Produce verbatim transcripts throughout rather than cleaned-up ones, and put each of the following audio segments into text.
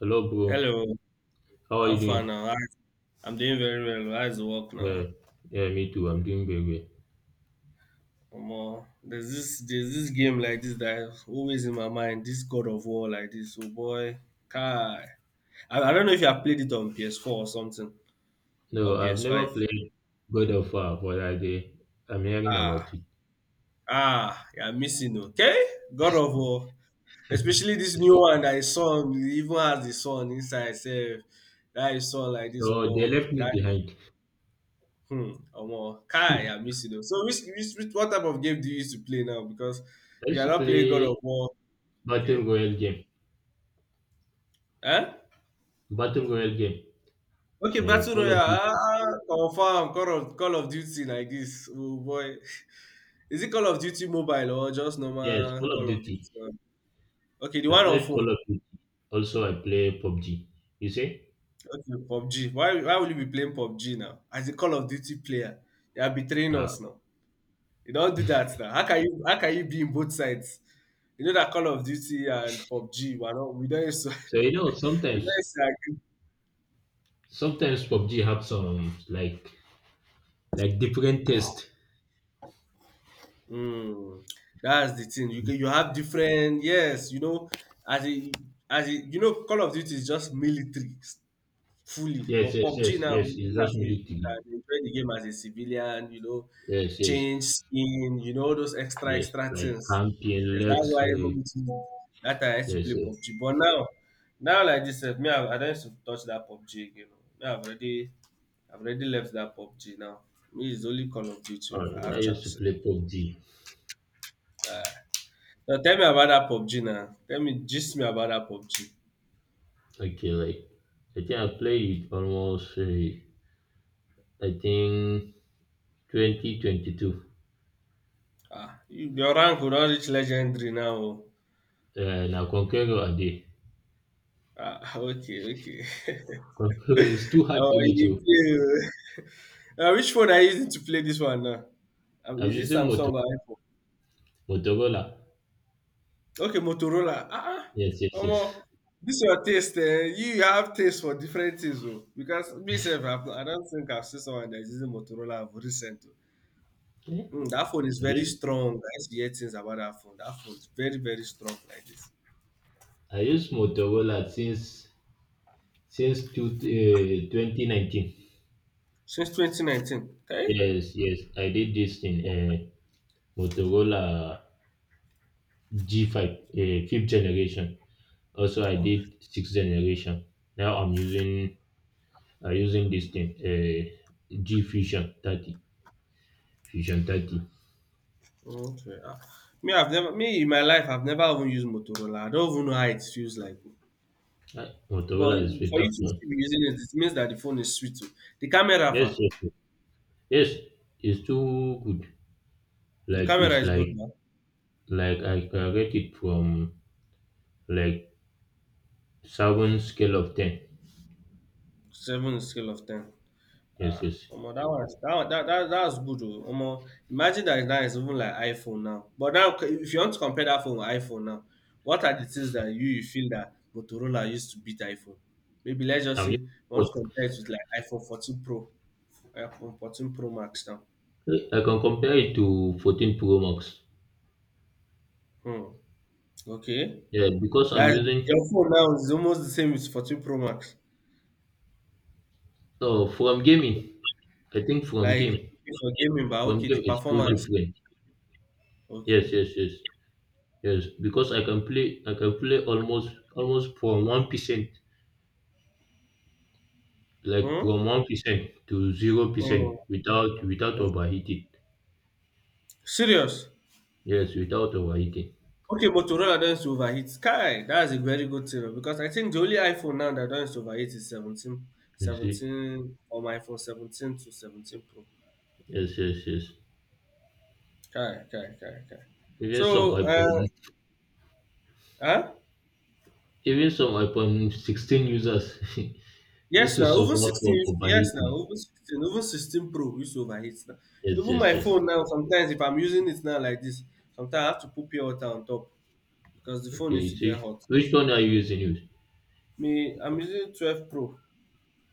Hello, bro. Hello, How are how you far doing? now? Hi. I'm doing very well. How's the work now? Well, yeah, me too. I'm doing very well. Omo, there's this there's this game like this that is always in my mind. This God of War like this. Oh boy, Kai. I, I don't know if you have played it on P S four or something No, or I've never P S five. played God of War, but I did. I'm hearing Ah, about it. ah, you're missing. Okay, God of War, especially this new one that is son even has the son inside. Self, that is son like this. So they Omo, left me behind. hmm. Omo. Kai, I I miss you though. So which, which, which what type of game do you used to play now? Because you used are to not playing God of play War. Battle Okay. Royale game. Eh? Battle Royale game. Okay, Uh, Battle Call Royale. of Duty. Ah, ah, ah. Confirm Call of Call of Duty like this. Oh boy. Is it Call of Duty mobile or just Yes, normal Call of Call of Duty? Duty. Um, Okay, the I one on played Call phone. of Duty. Also, I play P U B G. You see? Okay, P U B G. Why why will you be playing P U B G now? As a Call of Duty player, you are betraying Yeah. us now. You don't do that now. How can you how can you be in both sides? You know that Call of Duty and P U B G, we are not we don't used to So you know, we don't sometimes, used to agree. sometimes P U B G have some like like different test. Mm, that's the thing. You can you have different yes, you know, as a as a, you know, Call of Duty is just military fully. Yes, But yes, P U B G yes, now, yes. It's just as a, you military. can enjoy the game as a civilian, you know, Yes, yes, change skin, you know, all those extra, yes. extra Like things. County and Yes, that's Lux. why eh, even with me, that time I used to Yes, play yes. P U B G. But now, now like this, eh, me, I, I don't used to touch that P U B G again. Oh. Me, I've already, I've already left that P U B G now. Me, it's only Call of Duty Oh, if I yeah, I have used to chance. play P U B G. Uh, now tell me about that P U B G now. Tell me, gist me about that P U B G. Okay, like I think I played it almost. Uh, I think twenty twenty two. Ah, you, your rank will not reach legendary now. Oh. Uh, now Conqueror a day. Ah, okay, okay. Conqueror is too hard oh, to reach you you. play. Uh, which phone are you using to play this one now? Um, I'm Is this using Moto Samsung or iPhone? Motorola. Okay, Motorola. Ah, Yes, uh yes, yes. um, this your taste. Eh? You have taste for different things, oh. Because me self, I've, I don't think I've seen someone that is using Motorola for recent. Oh. Yeah. Mm, that phone is I very use strong. I used to hear things about that phone. That phone is very, very strong like this. I used Motorola since since two, uh, twenty nineteen. Since twenty nineteen, okay? Yes, yes. I did this in uh, Motorola G five, uh, fifth generation. Also, I Wow. did sixth generation. Now I'm using uh, using this thing, uh, G Fusion thirty, Fusion thirty. Okay. Ah, me, I've never, me in my life, I've never even used Motorola. I don't even know how it feels like. Uh, But Motorola is for better you to phone. still be using it, it means that the phone is sweet too. The camera, Yes, fa, yes, yes, yes, it's too good. the Like camera it's is good. like Man. like I can rate it from like seven scale of ten. Seven is scale of ten. Yes, Ah, yes. omo, that was that one- that that that's good. Oh, omo, imagine that now it's even like iPhone now. But now, c- if you want to compare that phone with iPhone now, what are the things that you, you feel that Motorola used to beat iPhone? Maybe let's just I'm say using we want both. to compare it with like iPhone fourteen Pro, iPhone fourteen Pro Max now. I can compare it to fourteen Pro Max. Hmm. Okay. Yeah, because I'm That's using your phone now is almost the same with fourteen Pro Max. oh from gaming. I think from Like game for gaming, but From okay, the game is too performance. different. Yes, Okay. yes, yes, yes. Because I can play, I can play almost almost from one percent, like Hmm? from one percent to zero percent Hmm. without without Hmm. overheating. Serious. Yes, without overheating. Okay, Motorola doesn't overheat. Sky, that's a very good thing because I think the only iPhone now that doesn't overheat is seventeen, You see. seventeen or my iPhone seventeen to seventeen Pro. Yes, yes, yes. Kai, kai, kai, kai. Even some So, uh, iPhone, huh? even some iPhone sixteen users used Yes, to now over support sixteen. from is- Yes, now overheating. over sixteen. Over sixteen Pro is overheat now. Yes, Even yes, my yes. phone now, sometimes if I'm using it now like this, sometimes I have to put pure water on top because the phone Okay, needs you to get see, hot. which one are you using? You Me, I'm using twelve Pro.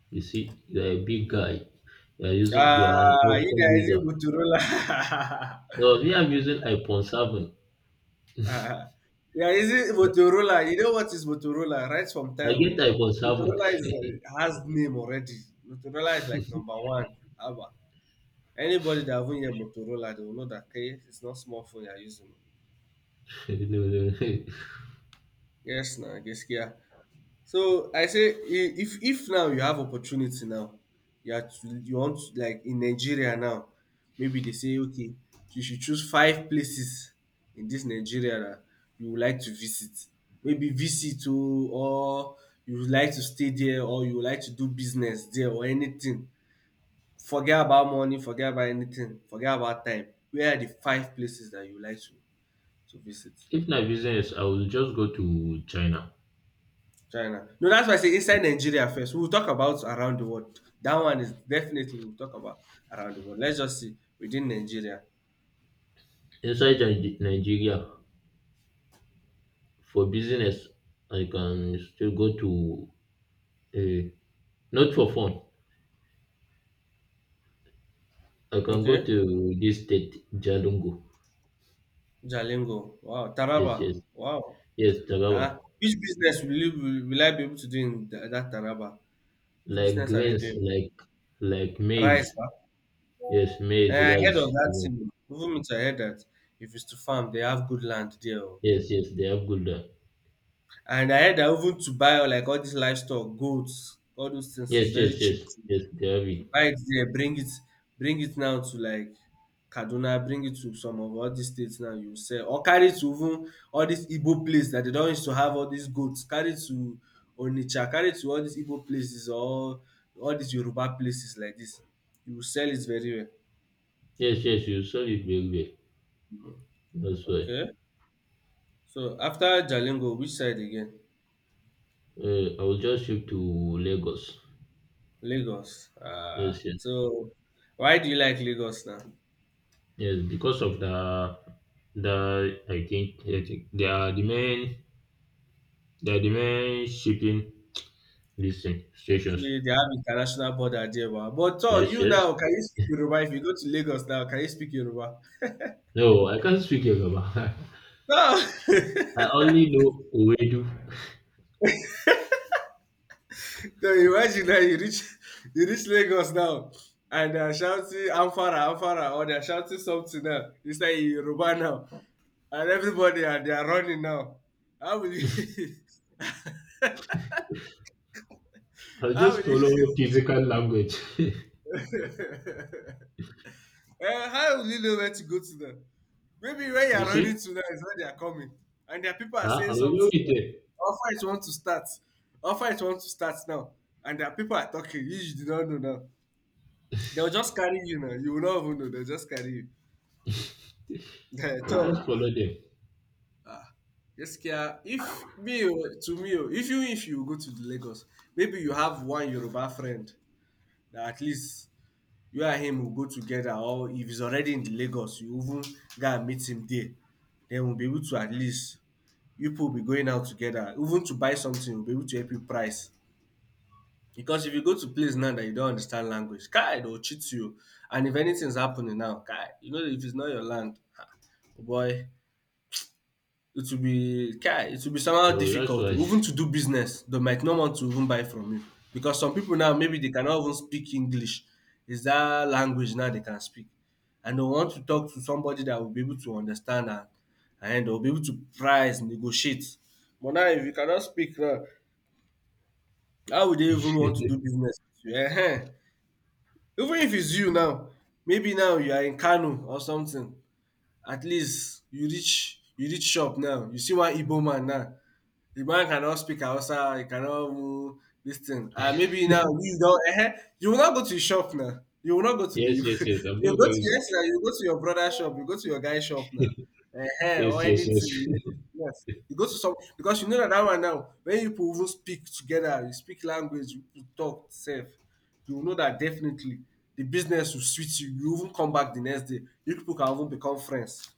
You see, you're a big guy. You're using, you're an Ah, you iPhone guys use user. Motorola. No, me, I'm using iPhone seven. ah, yeah, is it Motorola? You know what is Motorola? Right from I time, get oh. iPhone seven. Motorola is uh, has name already. Motorola is like number one. Anybody that have even hear Motorola, they will know that okay, it's not smartphone you're using. No, no, no. Yes, now Geskia. So I say i- if if now you have opportunity now, you are to, you want to, like in Nigeria now, maybe they say okay, you should choose five places in this Nigeria that you would like to visit. Maybe visit to or you would like to stay there or you would like to do business there or anything. Forget about money, forget about anything, forget about time. Where are the five places that you would like to to visit. If na business, I will just go to China. China. No, that's why I say inside Nigeria first. We'll talk about around the world. That one is definitely we'll talk about around the world. Let's just see within Nigeria. Inside Ni- Nigeria, for business, I can still go to, uh, not for fun, I can go Okay. to this state, Jalingo. Jalingo. Wow. Yes, Taraba. yes. Wow. Yes, Taraba. Huh? Which business will, you, will, will I be able to do in th- that Taraba? Which Like business are they grains, doing? like like Rice. maize. Huh? Yes, maize, Eh, I heard of rice. you that know. thing. Even me too, I heard that if it's to farm, they have good land there. Oh. Yes, yes, they have good. uh, And I heard that even to buy like all these livestock, goats, all those things is Yes, very yes, yes, cheap. yes, they have it. Buy it there, bring it bring it now to like Kaduna, bring it to some of all these states now, you sell or carry it to even all dis Igbo place that they don't used to have all these goat, carry it to Onitsha, carry it to all these Igbo places or all these Yoruba places like this. You will sell it very well. Yes, yes, you saw it very well. That's why. Okay, so after Jalingo, which side again? Uh, I will just shift to Lagos. Lagos. Ah, Yes, yes, so why do you like Lagos now? yes. Because of the, the I think, I think they are the main, they are the main shipping listing stations. Okay, they have international border there, wow. But so Yes, you yes. now, can you speak Yoruba? If you go to Lagos now, can you speak Yoruba? No, I can't speak Yoruba. No. so I only know Owedu. imagine now you reach you reach Lagos now, and they are shouting Amfara, Amfara, or they are shouting something now. It's like in Yoruba now, and everybody and they are running now. How will you? I'll how will just you? follow physical language. You Eh, how will you know where to go to now? Maybe when you are running see? to them is when they are coming, and their people are Huh? I saying will go something with here. them. Our it want to start. Our it want to start now, and their people are talking. You, you do not know now. They'll just carry you now. You will not even know. They'll just carry you. I'll just so, follow them. ah, Gaskiya, if me oh, to me oh, if you if you go to the Lagos, maybe you have one Yoruba friend that at least you and him will go together, or if he's already in the Lagos, you even go and meet him there. Then we'll be able to at least you people will be going out together even to buy something will be able to help you price, because if you go to place now that you don't understand language, kai, they will cheat you. And if anything's happening now, kai, you know, if it's not your land, boy, it will be kai, it will be somehow Oh, that's difficult why. even to do business. They might not want to even buy from you, because some people now maybe they cannot even speak english, is that language now they can speak, and they want to talk to somebody that will be able to understand, and and they'll be able to price negotiate. But now if you cannot speak now, how would they even want to do business with you? Ehen. Even if it's you now, maybe now you are in Kano or something, at least you reach you reach shop now, you see one Igbo man now, the man cannot speak Hausa, he cannot move this thing. And maybe now you don't eh, you will not go to the shop now. You will not go to the you Yes, yes, yes. I'm not go to going. yes now, you go to your brother's shop, you go to your guy's shop now. Eh, or Yes, yes, anything. You go, yes. yes. You go to some because you know that that one now, when you people even speak together, you speak language, you, you talk safe, you will know that definitely the business will switch you. You even come back the next day. You people can even become friends.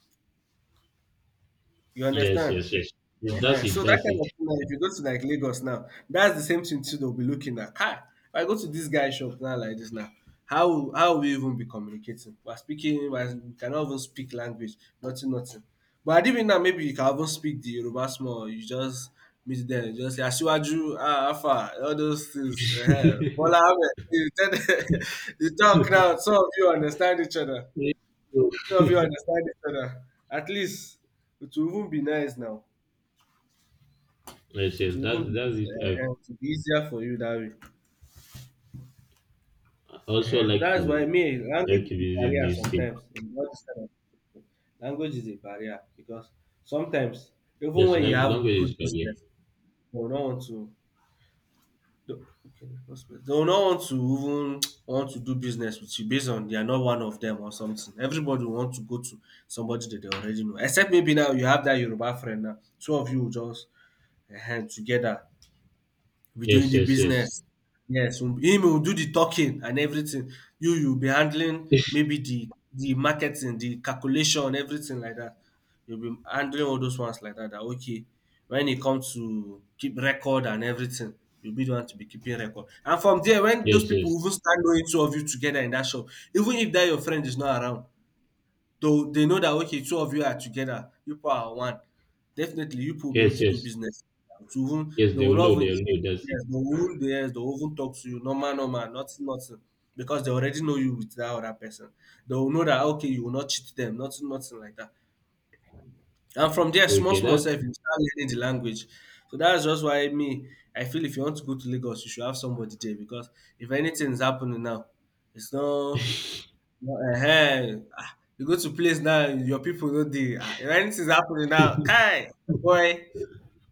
You Yes, understand? yes, yes. Yes, Yeah, that's it, so that that's kind it. of thing, like, if you go to like Lagos now, that's the same thing too they'll be looking at. Ah, if I go to this guy's shop now like this now, how will- how will we even be communicating? We're speaking, we're, we cannot even speak language, nothing, nothing. But I even now maybe you can even speak the Yoruba small, you just meet them, you just say Asiwaju, ah, Afa, all those things. Uh-huh. Bola Ahmed, you, tell them- you talk now, some of you understand each other. Some of you Yes, understand each other. At least it will even be nice now. yes, It that's will even be that's easier. it. eh, eh, I It will be easier for you that way. also And like to that's why me language like is to a visit barrier this state. sometimes in all this kind of situation. Language is a barrier because sometimes even Yes, when you like have language is good career. business, they will not want to. do- Okay, no space. They will not want to even want to do business with you based on they are not one of them or something. Everybody will want to go to somebody that they already know. Except maybe now you have that Yoruba friend now. Two of you will just uh, together we'll be doing Yes, the yes, business. yes. Yes, um, him will do the talking and everything. You you'll be handling maybe the the marketing, the calculation, everything like that. You'll be handling all those ones like that. that okay, when it comes to keep record and everything, you'll be the one to be keeping record. And from there, when those Yes, people yes, even start knowing two of you together in that shop, even if that your friend is not around, so they know that okay, two of you are together, you people are one. Definitely, you people will be able yes, to do yes, business. To whom yes. they They will will not know. even They will care. know. That's it. Yes, they will even, yes, they will even talk to you. Normal, normal, nothing, nothing. Because they already know you with that other person. They will know that okay, you will not cheat them, nothing, nothing like that. And from there, small, Okay, small that's self, you start learning the language. So that's just why me, I feel if you want to go to Lagos, you should have somebody there because if anything is happening now, it's not Ehen. Ah, you go to place now, your people no dey. Ah, if anything's happening now, kai! Oh boy,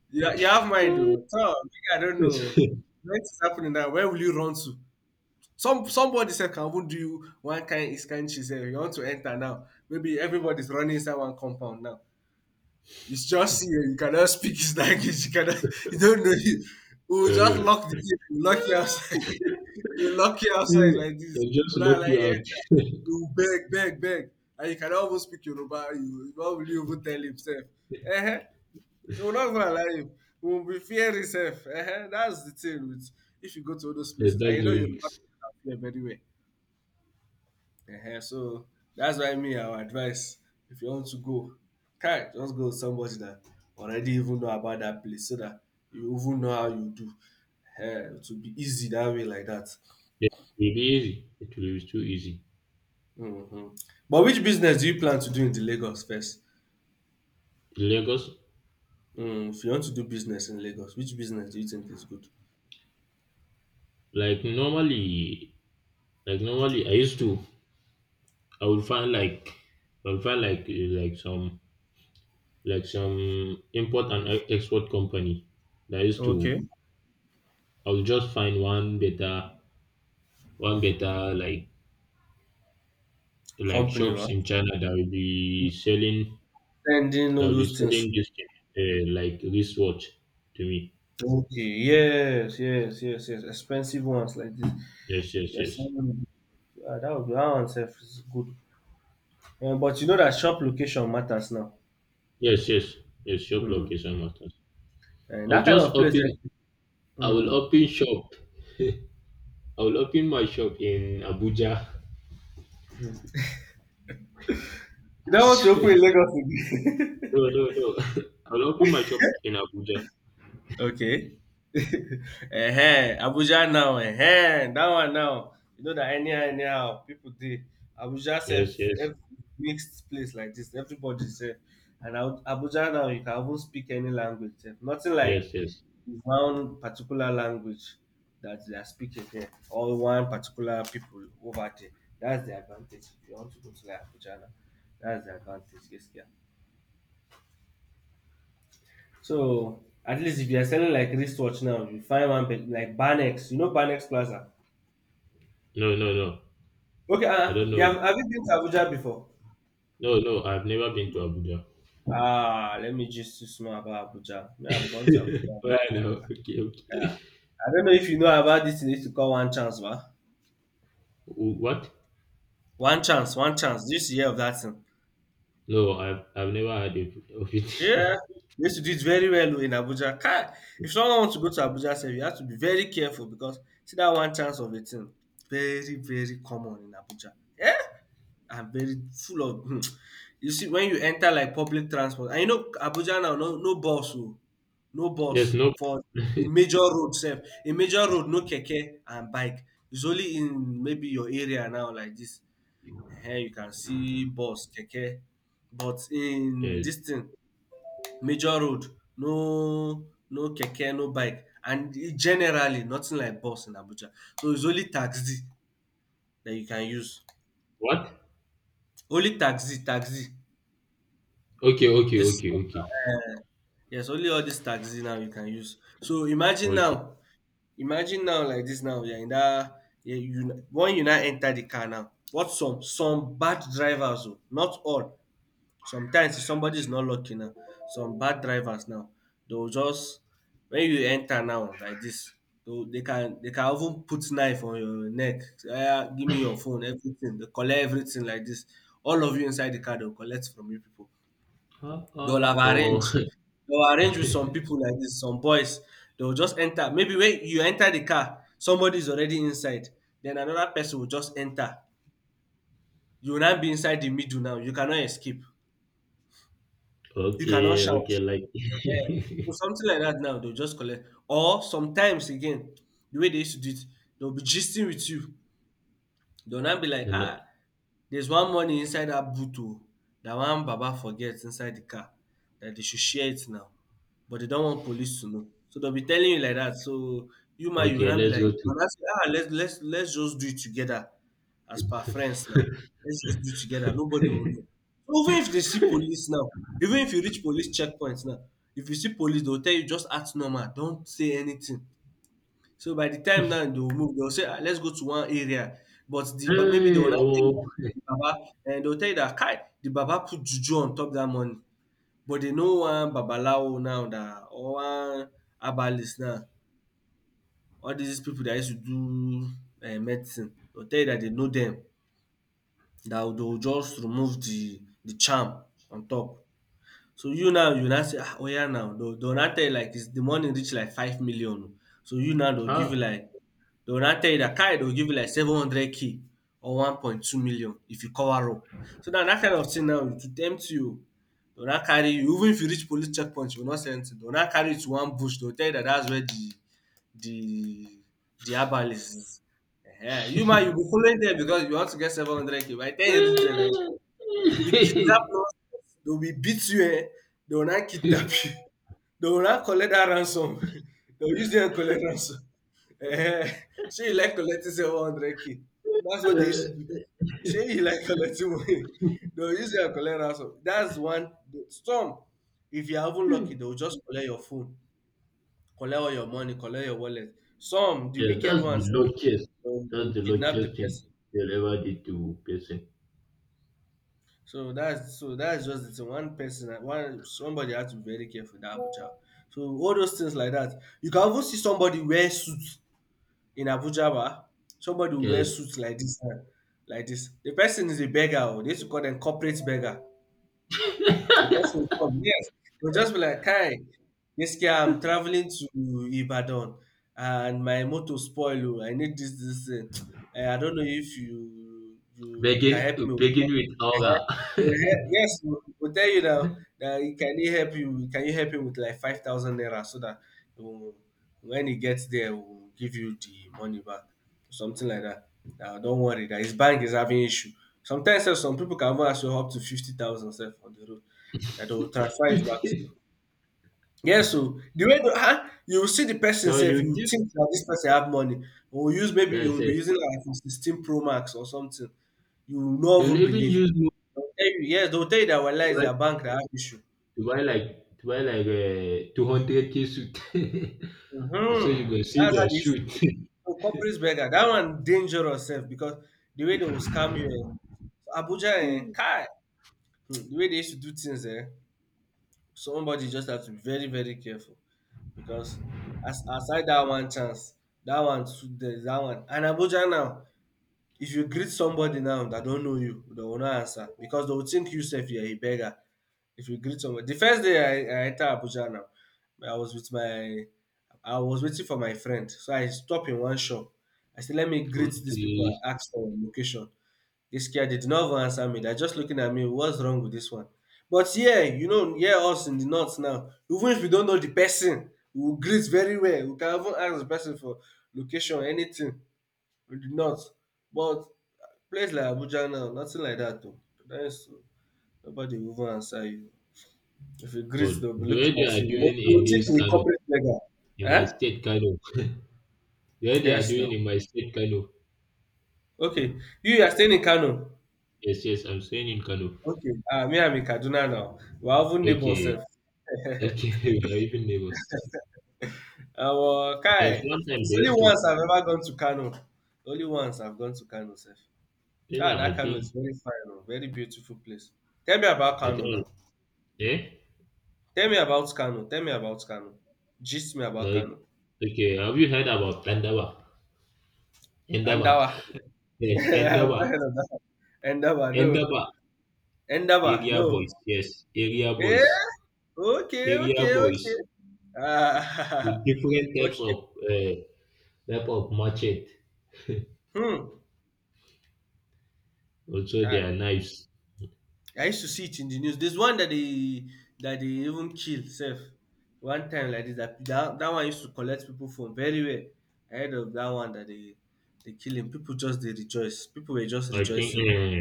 you you have mind uh, oh. Tor, I don't know yes. oh. If anything's happening now, where will you run to? Some somebody said, can even do you one kind is kain. She said, you want to enter now, maybe everybody's running inside one compound now. It's just you. You cannot speak his language. You cannot. You don't know. You. We'll just Uh, lock the gate. We'll lock you outside. We'll lock you outside like this. they've just We'll not lock allow you you out. enter. Yes, You will beg, beg, beg, and you cannot even speak Yoruba. You how will you even tell himself? Uh-huh. You will not even allow him. He will be fearing himself. Uh-huh. That's the thing with if you go to all those that's places and you know the Yoruba, risk. people are fear very well. Ehen, so that's why me I will advise if you want to go, kai just go with somebody that already even know about that place so that you even know how you do. Ehen, it will be easy that way like dat. It will be easy. It will be too easy. um But which business do you plan to do in the Lagos first? In Lagos, um If you want to do business in Lagos, which business do you think is good? like normally, like normally, I used to I will find like I will find like eh, like some like some import and e- export company that used Okay. to. I will just find one better one better like like Company ba? shops in China that will be selling, Sending that all will be those things. selling this thing, uh, like wristwatch to me. Okay, yes, yes, yes, yes. Expensive ones like this. Yes, If yes, you are yes. selling, ah, that would be that one sef is good. Um, but you know that shop location matters now. Yes, yes, yes, shop Mm. location matters. And I'll that kind just of place, open I will um, open shop. I will open my shop in Abuja. you don't want to open in Lagos again. No, no, no. I'll open my shop in Abuja. Okay. Ehen, Abuja now. Ehen, that one now. You know that anyhow, anyhow, people dey Abuja sef Yes, yes, every mixed place like this. Everybody sef, and Abu- Abuja now you can even speak any language sef. Nothing like yes, yes. one particular language that they are speaking here or one particular people over there. That's the advantage. If you want to go to like Abuja now, that's the advantage. Yes, yeah. So at least if you are selling like wristwatch now, you find one bit- like Banex. You know Banex Plaza. No, no, no. Okay, I uh, don't know. yeah. Have have you been to Abuja before? No, no. I've never been to Abuja. Ah, let me just to small about Abuja. Me, I've gone to Abuja. Well, I know. Okay, Yeah. okay. I don't know if you know about this thing. They used to call one chance, va? Wh- What? One chance, one chance. Did you used to hear of that thing? No, I've I've never heard of of it. Yeah. They used to do it very well oh, in Abuja. Kai, if someone wants to go to Abuja, sef, you have to be very careful because see that one chance of a thing. Very, very common in Abuja. Yeah. Are very full of you see when you enter like public transport and you know Abuja now, no no bus o, no Yes, bus no. for a major road sef, a major road no keke and bike. It's only in maybe your area now like this um you can see bus keke, but in Uh, this thing major road, no no keke, no bike, and e generally nothing like bus in Abuja. So it's only taxi that you can use, what? only taxi, taxi Okay, okay, this okay, okay, um yes, only all these taxis now you can use. So imagine now, okay. imagine now like this now, you're in that, yeah, you, when you now enter the car now, what some, some bad drivers, oh, not all, sometimes if somebody is not lucky now, some bad drivers now, they'll just, when you enter now like this, they they can they can even put knife on your neck. Say, "Ah, give me your phone, everything." They collect everything like this. All of you inside the car, they'll collect from you people. Uh, They will uh, have arranged. oh, They will arrange with some people like this, some boys. They will just enter. Maybe when you enter the car, somebody's already inside. Then another person will just enter. You will now be inside the middle now. You cannot escape. You cannot okay, shout. okay. Like, Eh. So something like that now, they'll just collect. Or sometimes again, the way they used to do it, they'll be gisting with you. Dey will now be like, you're not. ah, there's one money inside that boot oh, dat one baba forget inside the car, that they should share it now. But they don't want police to know. So they'll be telling you like that. So you ma you will Okay, now be let's like, go you will to. now say, ah, let's let's let's just do it together as per friends now. Let's just do it together. Nobody will know. So even if they see police now, even if you reach police checkpoints now, if you see police, they will tell you just act normal. Don't say anything. So by the time now they will move, they will say, "Ah, let's go to one area." But the but maybe they Hey, will not tell you oh, that the Baba, and they will tell you that kai the Baba put juju on top that money. But they know one babalawo now, that or one herbalist now. All these people that used to do um medicine, they will tell you that they know them. That they will just remove the the charm on top. So you now you now say ah oya now dey will dey will now tell you like dis the money reach like five million o. So you now dey will give you ah, like dey will now tell you dat kai dey will give you like seven hundred k or one point two million if you cover up. So now that kind of thing now e go tempt you oo, dey will now carry you, even if you reach police checkpoint you go no see anything, dey will now carry you to one bush, dey will tell you dat dats where the the the herbalist is. Um you ma you be follow dem because you want to get seven hundred k. By de time you reach there like yes, they will kidnap us, they will beat you eh, they will now kidnap you, they will now collect dat ransom. They will use you and collect ransom. Ehen, shey you like collecting seven hundred k? That's what they use to do. Shey you like collecting money? They will use you and collect ransom. That's one. Some, if you are even lucky, they will just collect your phone, collect all your money, collect your wallet. Some, the wicked that's the ones, they luckiest. will they That's will the kidnap the luckiest thing person. you'll ever did to person. So that's so that's just the thing. One person, one somebody has to be very careful in Abuja. So all those things like that. You can even see somebody wear suits in Abuja, ba. Somebody will wear Yes, suits like this, eh, like this. The person is a beggar. Oh. They used to call them corporate beggar. The person will come, yes. They'll just be like, "Kai, this guy, I'm traveling to Ibadan, and my motor spoil oh. I need this, this. Eh. Eh, I don't know if you you, you begin can help me." begin Uh-huh. with aura. We'll Yes, we'll we'll tell you now that he- can he help you? Can you help him with like five thousand naira so that um, when he gets there, we'll give you the money back, something like that. Now don't worry, that his bank is having issue. Sometimes sef, some people can even ask you up to fifty thousand sef on the road that they will transfer it back to you. Yes, so the way the, huh? You will see the person So say if you you did. think that this person have money, or use maybe you Yes, will be yes. using like iPhone sixteen Pro Max or something. You will not You'll even even believe. use more They'll tell you, yes, they'll tell you that well, to is buy, their bank that have issue. to buy like to buy like a two hundred k suit. So Mm-hmm. you go see That's how the the issue goes. suit. So corporate beggar, that one dangerous self because the way they will scam you, eh, so, Abuja and eh, Kai, hmm, the way they used to do things, eh, somebody just have to be very, very careful, because as aside that one chance, that one too, there's that one. And Abuja now, if you greet somebody now that don't know you, they will not answer because they will think you sef you're a beggar. If you greet somebody, the first day I, I enter Abuja now, I was with my, I was waiting for my friend, so I stop in one shop. I said, let me greet these people Okay. and ask for location. This guy did not even answer me. They're just looking at me. What's wrong with this one? But yeah, you know, yeah, us in the north now. Even if we don't know the person, we will greet very well. We can even ask the person for location, anything in the north. But place like Abuja now, nothing like that though. That's nobody will even answer you. If you So greet, they'll be the way looking they at are you. What doing do in you think this you kind of, corporate beggar? in my Eh? state kind of. Where they are Yes now. doing in my state, Kano. Okay. You you are staying in Kano. Yes, yes, I'm staying in Kano. Okay. Uh, me I'm in Kaduna now. We're even neighbors Okay, sef. okay, we are even neighbors. Omo There's kai! one time It's they only used once to, I've ever gone to Kano. Only once I've gone to Kano sir. then Ah! I that I Kano is think, very fine oh, very beautiful place. Tell me about I Kano now. think, eh? Tell me about Kano, tell me about Kano. Gist me about Like, Kano. okay, have you heard about Endaba? Endaba, Andawa. yes, I've not Endaba, heard of that. One. Endawa no. Endaba, Endawa area no. boys, yes, area Yeah. boys, Okay, area okay, okay. boys Ah! with different types Okay. of uh, type of machete. Hmm! Also, their Kai! knives. I used to see it in the news. There's one that they that they even kill self one time like this. That that, that one used to collect people from very well. I heard of that one that they they kill him. People just they rejoice. People were just I think rejoicing. eh,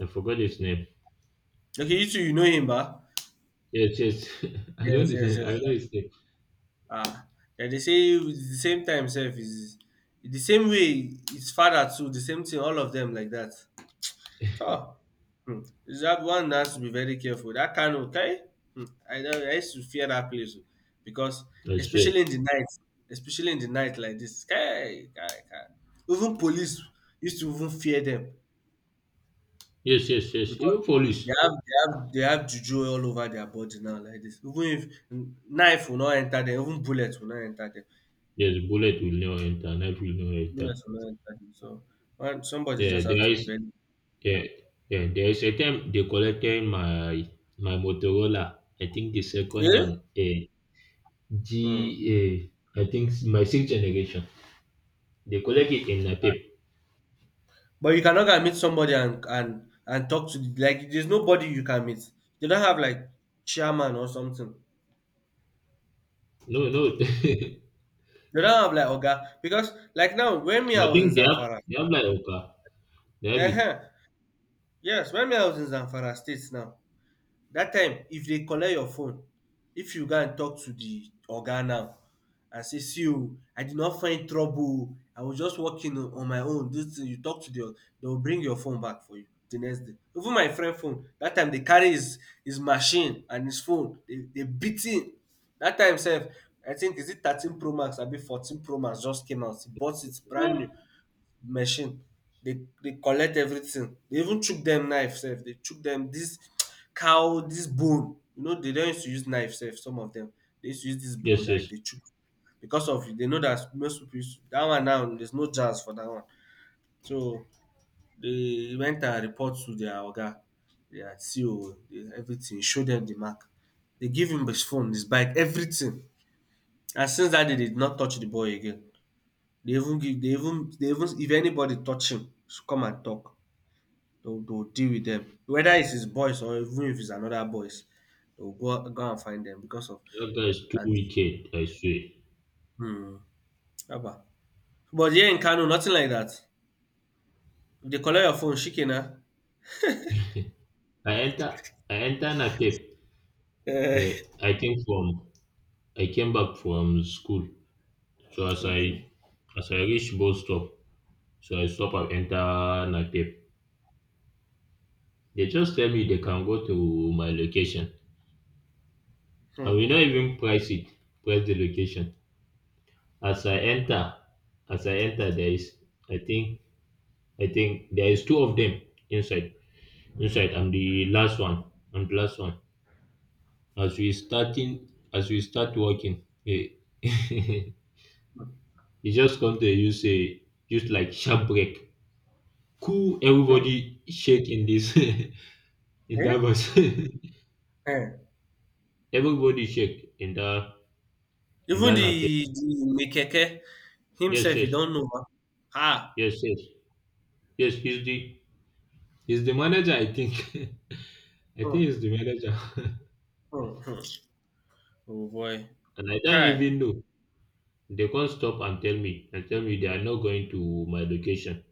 I forgot his name. Okay, you two, you know him, bah? Yes, yes, I know Yes, the yes, name. yes. I know his name. Ah, yeah, they say with the same time self is the same way. His father too. The same thing. All of them like that. So, um dat one has to be very careful. Dat Kano okay. um I don I used to fear that place oh because I swear. especially in the night especially in the night like this, kai! Kai! Kai! Even police used to even fear them Yes, yes, yes. because Even they police. have they have they have juju all over their body now like this. Even if knife will not enter them, even bullet will not enter them. Yes, bullet will not enter, knife will not enter. Bullet will not enter them. So one somebody Yeah, just have to there be is very yeah, yeah, there is a time they collected my my Motorola. I think the second Eh? one, a G Hmm. a I think s- my sixth generation. They collect it in a paper. But you cannot go and meet somebody and and and talk to the, like there's nobody you can meet. They don't have like chairman or something. No, no. I They don't have like Oga because like now when me I was in think they have Zamfara, they have like okay. They have it. uh yes, when me I was in Zamfara States now, dat time if dey collect your phone, if you go and talk to the oga now and say ‘see oh, I did not find trouble oh, I was just working oh on my own dis thing, you talk to the oga, de will bring your phone back for you the next day. Even my friend phone, dat time dey carry his his machine and his phone dey dey beat him. Dat time sef I think is it thirteen pro max abi fourteen pro max just came out, he bought it brand new machine. They they collect everything. They even chook them knife sef. They chook them this cow this bone. You know they don use to use knife sef some of them they use to use dis bone Yes, that yes. they chook because of they know that most pipu use dat one now there's no chance for that one. So they went and report to their oga, their C O everything, show them the mark. They give him his phone, his bike, everything. And since that day they did not touch the boy again. They even give they even they even if anybody touch him, should come and talk they'll they'll deal with them whether it's his boys or even if it's another boys they'll go go and find them because of That guy is too that wicked, I swear. hmm, haba, but here in Kano nothing like that if they collect your phone shike na. I enter I enter Napep. Eh, Uh, I think from I came back from school. So as I okay. as I reach bus stop, so I stop and enter Napep. They just tell me they can go to my location. I will Hmm, not even price it, price the location. As I enter, as I enter, there is I think I think there is two of them inside. Inside, I'm the last one. I'm the last one. As we starting, as we start walking, eh, he just come to you say, just like sharp break. Cool, hmm. everybody shake in this. In that Eh, was, eh, everybody shake in that in even that the nape. the Mekeke Yes, himself he yes, don't know ma. Ah, yes, yes, yes. He's the he's the manager. I think, I think hmm, he's the manager, hmm, hmm, oh boy, and I don't kai, even know. They can't stop and tell me, and tell me they are not going to my location.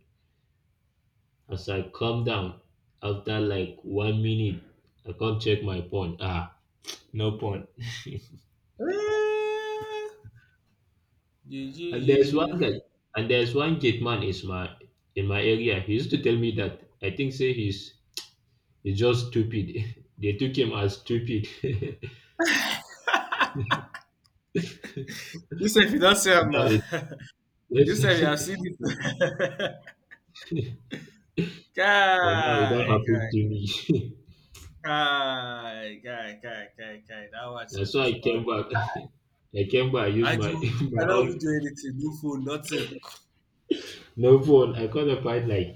As I come down after like one minute, I come check my phone. Ah, no phone. eh, you and there's you one sef guy, and there's one gate man is my in my area. He used to tell me that I think say he's. It's just stupid. They took him as stupid. now you say if you don't see him now you say you have it, seen it but now it don't Kai, happen kai, to me. kai, kai, kai, kai, kai. That one That's self why is I bad. came Oh. back. I came back. I used I do, my you my cannot even own. do anything. No phone, nothing. No phone. I got a fight like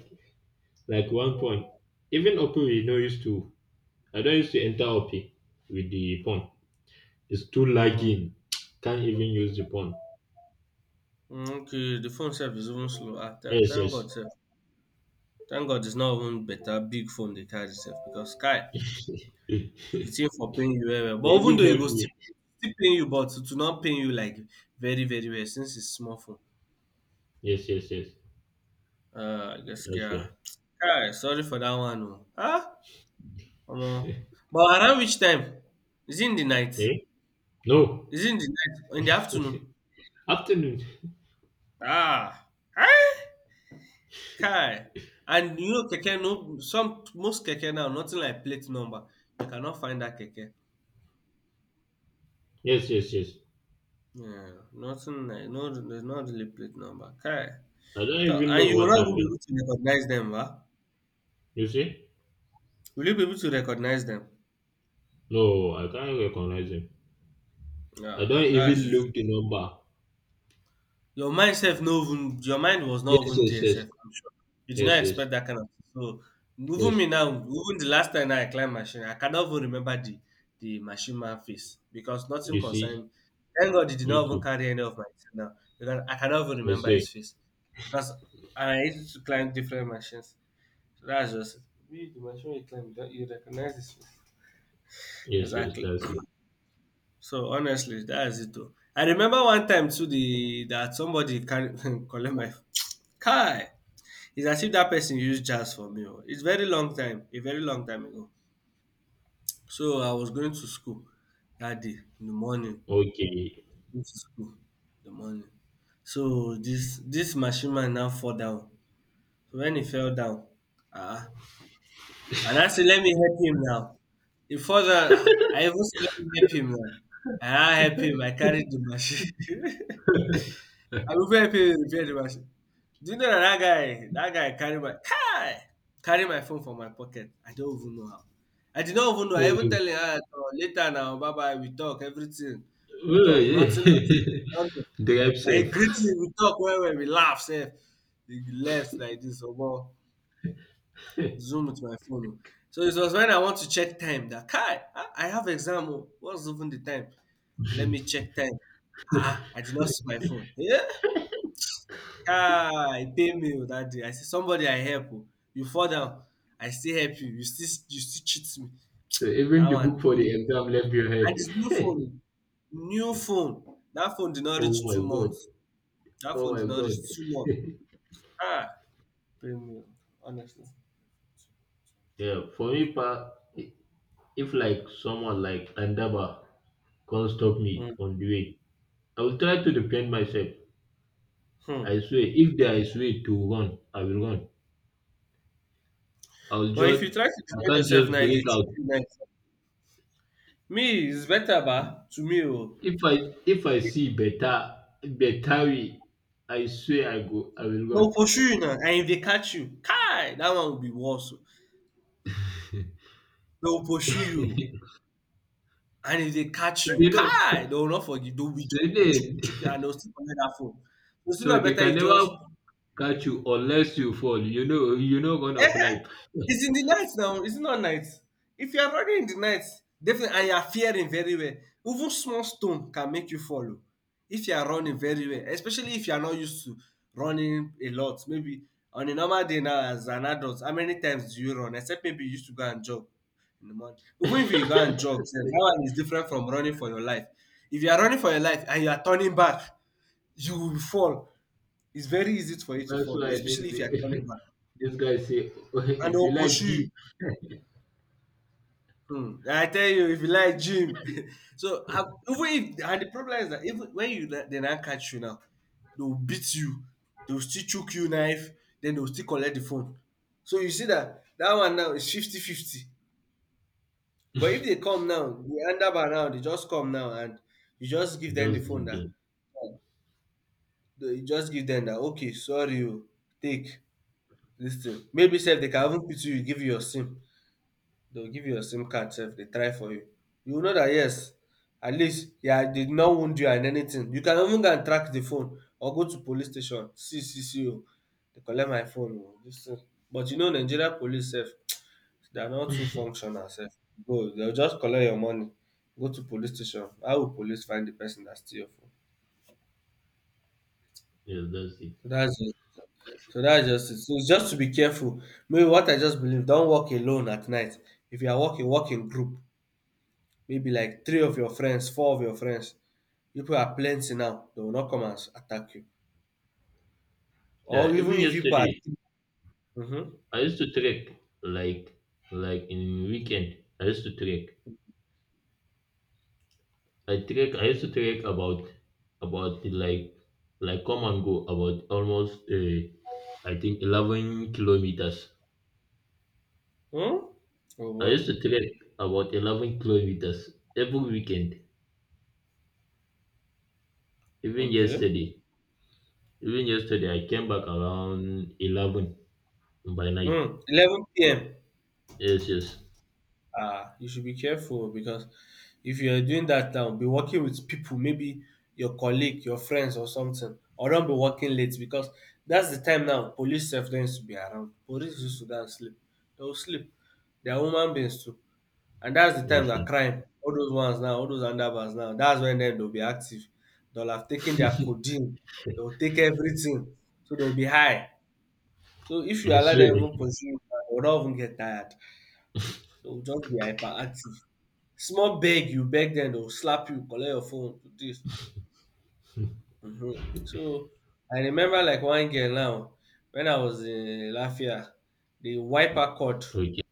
like one phone. Even Oppo we no used to. I don't used to enter Oppo with the phone. It's too Mm. lagging. Can't even use the phone. Mm, okay, the phone self is even slow. Ah, tha- Yes, thank God, yes. self. Thank God it's not even better big phone they carry self because Sky, They it's in for paying you well. Well. But even even though it helped goes still, me. still paying you, but to not paying you like very, very well since it's small phone. Yes, yes, yes. Uh, I guess, That's yeah. why. Kai, sorry for that one. Oh. Ah, Omo, but around which time? Is it in the night? Eh? No. Is it in the night? In the afternoon? Afternoon. Ah! Kai! And you know keke no some most keke now nothing like plate number. You cannot find that keke. Yes, yes, yes. Yeah, nothing like no there's not really plate number. Kai! I don't So, even and know you will what not even be happened. able to recognize them, ba? You see? Will you be able to recognize them? No, I can't recognize him. I Yeah, don't even that's it. look the number. Your mind self no even your mind was not Yes, even yes, there yes. sef, I'm sure. You did not Yes, yes. expect that kind of thing. So even Yes. me now, even the last time I climb machine, I cannot even remember the the machine man face because nothing You concern see? me. Thank God he did not Me even too. carry any of my thing now because I cannot even I remember his say. face because I used to climb different machines. So that's just it. We- The machine you climb, that you recognize his face. Yes, yes, Exactly. that's it. So honestly, that is it. Though. I remember one time too the that somebody carry collect my Kai! It's as if that person used jazz for me oh. It's very long time, a very long time ago. So I was going to school that day in the morning, Okay. going to school in the morning. So this this machine man now fall down. So when he fell down, ah, and I say let me help him now. He fall down, ah, I even say let me help him now. And I help him, I carried the machine. I prefer pay repair the machine. Do you know that, that guy, that guy carry my Kai! Carry my phone from my pocket. I don't even know how. I did not even know. I even Um, tell him ah, no, later now, bye bye. We talk everything. We oh, talk nothing. yeah. Nothing. Drive I greet safe. him. We talk well, well. We laugh. Safe. He left like this. Omo So zoom with my phone. Oh. So it was when I want to check time that Kai, ah, I have exam. Oh. What's even the time? Let me check time. Ah, I did not see my phone. Yeah, ah, e pain me oo dat day. I say somebody I help oo, you fall down, I still help you, you still you still cheat me. even Dat the one book for pain the me. exam left your And it's new head. phone oo, new phone. Dat phone did not reach Oh my two god. months. Dat Oh phone did my not god. reach two months. Ah, pain me oo, honestly. Yeah, for me, pa, if like someone like Andaba can't stop me Mm, on the way, I will try to defend myself. I hmm. swear, if there is way to run, I will run. I will But if you just, try to I defend can't yourself just now, e bring dey chook out. you knife. Me, it's better ba, to me oh. If I if I see better better way, I swear I go, I will They run. will pursue you now and if they catch you, kai! That one will be worse oo. Dey will pursue you oh. And if they catch So, you, you know, kai! They will not forgive. They will be so just be they, chuku chuku and they will still collect that phone. So it's so not they better can you never just. catch you unless you fall. You know, you know, gonna fly. It's in the night now. It's not night. If you are running in the night, definitely, and you are fearing very well, even small stone can make you follow. If you are running very well, especially if you are not used to running a lot, maybe on a normal day now as an adult, how many times do you run? Except maybe you used to go and jog in the morning. Even if you go That's and jog, sef, that one is different from running for your life. If you are running for your life and you are turning back, you will fall. It's very easy for you to fall, why especially if you are this, turning back. this guy say, And if you they'll push like you. deep, Hmm, I tell you, if you like gym, so I- even if and the problem is that even when you na- they now catch you now, they'll beat you, they'll still choke you knife, then they'll still collect the phone. So you see that that one now is fifty-fifty. But if they come now, the underbar now, they just come now and you just give them the just phone give that them. you just give them that, okay, sorry, you take. Dis thing maybe sef they can even put you give you your sim, they'll give you your sim card sef they try for you. You go know that yes, at least, yeah, they did not wound you and anything. You can even go and track the phone or go to police station, see see see. Oh, they collect my phone oo dis thing. But you know Nigeria police sef, they are not too functional sef. Go. They'll just collect your money, go to police station. How will police find the person that steal your phone? Yeah, that's it. So dats de. So that's just it. So it's just to be careful. Maybe what I just believe, don't walk alone at night. If you are walking, walk in group. Maybe like three of your friends, four of your friends. People are plenty now. They will not come and s- attack you. Yeah, Or even even if you are. yesterday, Mm-hmm. I used to trek like like in weekend. I used to trek. I trek. I used to trek about about like like come and go about almost uh, I think eleven kilometers. Mm? Oh I boy. used to trek about eleven kilometers every weekend. Even Okay. yesterday, even yesterday I came back around eleven by night. Mm. eleven p m. Yes, yes, Ah, you should be careful oh, because if you are doing that now, be working with people, maybe your colleague, your friends, or something, or don't be working late because that's the time now. Police self don't used to be around. Police used to don't sleep. They'll sleep. They're human beings too, and that's the time yes, that yes. crime. All those ones now, all those underbars now. That's when then they'll be active. They'll have taken their codeine. They'll take everything, so they'll be high. So if you I allow swear. them even pursue you, they'll not even get tired. They'll just be hyperactive. Small beg, you beg them dey will slap you, collect your phone, dis. Mhm. So, I remember like one girl now, when I was in Lafia, they wipe her cord. Okay.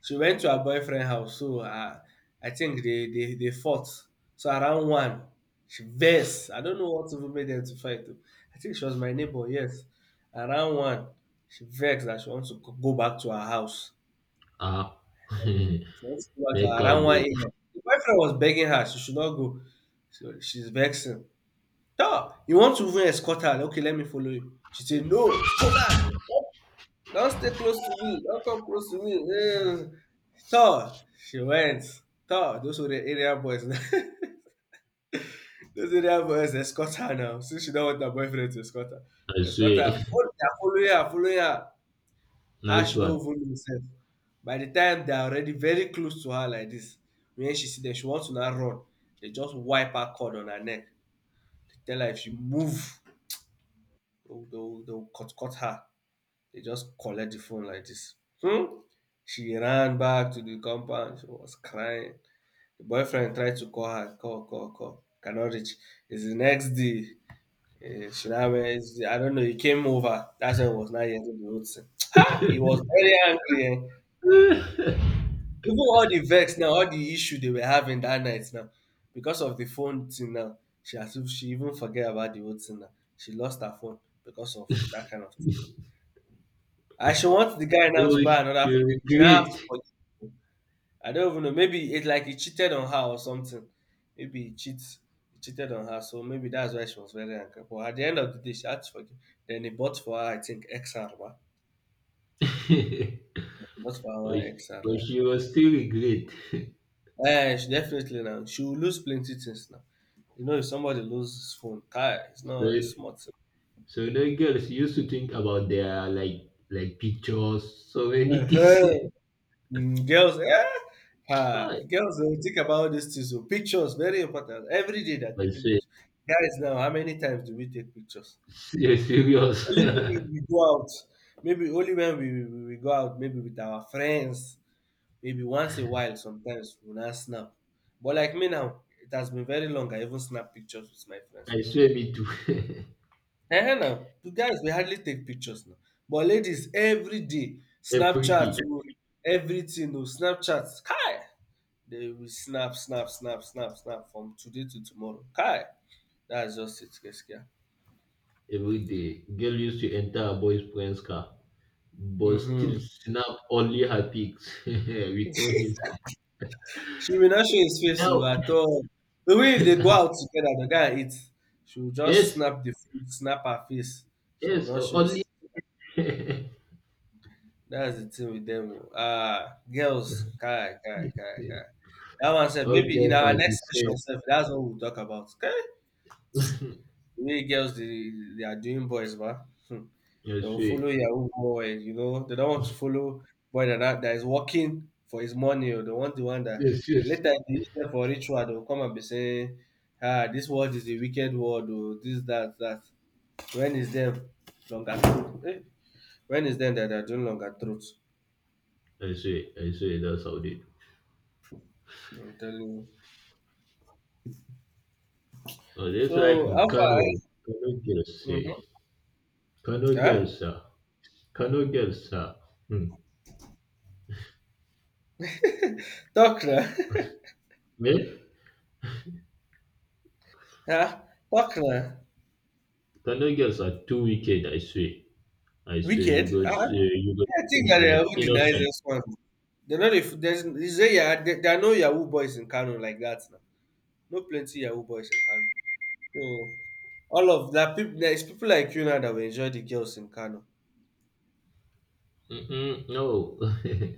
She went to her boyfriend house, so ah, I think they they they fought. So around one, she vex. I don't know what even made them to fight oo. I think she was my neighbour, yes. Around one, she vex that she wants to go back to her house. Ah, She wants to go make out her around 1 go. a.m. The boyfriend was begging her she should not go. So she's vexing. No, you want to even escort her. Okay, let me follow you. She said no, go back. Don't stay close to me. Don't come close to me. Mm. So she went. So those were the area boys. Those area boys escort her now, since she don't want her boyfriend to escort her. I They escort swear. her. Follow her, follow her, follow her. Her, Nice she don't one. even know herself. By the time they are already very close to her like this, when she see them, she wants to now run. They just wipe her cord on her neck. They tell her if she move, they'll, they'll, they'll cut cut her. They just collect the phone like this. Hmm? She ran back to the compound. She was crying. The boyfriend tried to call her, call, call, call. Cannot reach. It's the next day. Eh, she now went, I don't know, he came over. That's when he was not hearing the whole thing. Ha! He was very angry. Eh? Oh, Even all the vex now, all the issue they were having that night now, because of the phone thing now, she has to, she even forget about the whole thing now. She lost her phone because of that kind of thing. And she wants the guy now to buy another she phone. She now has regret. to forgive him. I don't even know. Maybe it's like he cheated on her or something. Maybe he cheats. He cheated on her, so maybe that's why she was very angry. But at the end of the day, she had to forgive. Then he bought for her, I think, X R. Bought for her but, one X R. but she was still regret. Eh, she definitely now. She will lose plenty things now. You know, if somebody loses his phone, kai, it's not a so, smart thing. so now girls used to think about their like like pictures, so many things. Uh-huh. Mm, girls, eh? Ah, I girls, they will think about these things. So pictures, very important. Every day they're I taking swear, pictures. Guys, now, how many times do we take pictures? se- serious. Only maybe we go out. Maybe only when we, we, we go out, maybe with our friends. Maybe once a while, sometimes we'll not snap. But like me now, it has been very long. I even snap pictures with my friends. I swear, me too. Eh eh now, the guys we hardly take pictures now. But ladies every day, Every Snapchat day, oh, everything oh, Snapchat kai! They will snap snap snap snap snap from today to tomorrow. Kai! That's just it gaskiya. every day, girl used to enter a boy's friend's car, but still Mhm. snap only her pics, without him. She will not show his face Now, to at all. Even if they go out together the guy eats, she will just yes, snap the food, snap her face. She will yes, not show only. his. That's the thing with them. Oh. Ah, girls, kai, kai, Yes, kai, yes. kai. That one said All maybe in girls our are the next same. session, sef, that's what we'll talk about. Okay, the way girls they, they are doing boys, but I they will follow see. your boy. You know, they don't want to follow boy that that that is working for his money, or they want the one that Yes, yes. later in the evening for ritual they will come and be saying, ah, this world is a wicked world, or this that that. When is them longer throat? Eh? When is them that they are doing longer throats? I see. I see. That's how it is. I'm telling you. Oh, just like So in Alpha, Kano, Kano girls say, mm-hmm. Kano Huh? girls are, Kano girls are, hmm. Doctor, Eh? huh? Doctor, Kano girls are too wicked. I swear. I swear. You wicked. got, Huh? Uh, you Yeah, I think that got they are like who denies innocent. this one. They're not, if there's, is there, yeah, there, there are no Yahoo boys in Kano like that now. No plenty Yahoo boys in Kano. So all of that people there's people like you now that will enjoy the girls in Kano. Mm-mm, no.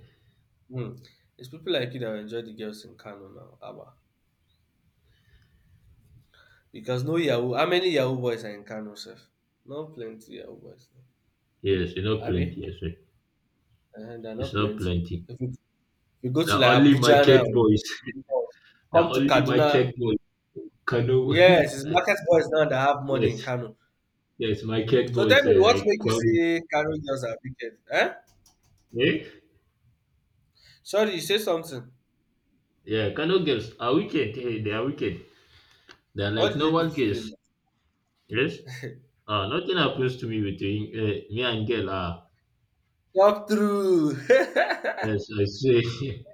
Hmm. It's people like you that will enjoy the girls in Kano now, Abba. Because no Yahoo, how many Yahoo boys are in Kano, sir? Not plenty Yahoo boys now. Yes, you know Abi? plenty. I swear. And there are not It's not plenty. plenty. If you, you go to Now like only Abuja now, market boys. Now come to only Kaduna. market boys. Kano. Yes, it's market boys now that have money Yes, in Kano. yes, my Hmm. cat So tell boys, me, uh, what like, makes you Kwame, say Kano girls are wicked? Eh? eh? Sorry, you say something. Yeah, Kano girls are wicked. Hey, they are wicked. They're What like did they do normal to girls. you Yes? Uh, nothing happens to me between uh, me and girl. Ah, now? Talk through. yes, I say.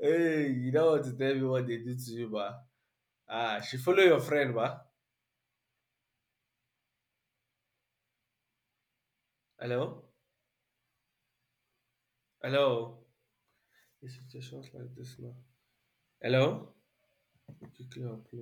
Hey, you don't want to tell me what they did to you, ba? Ah, she follow your friend, ba? Hello, hello. In situations like this now. Hello. Quickly upload.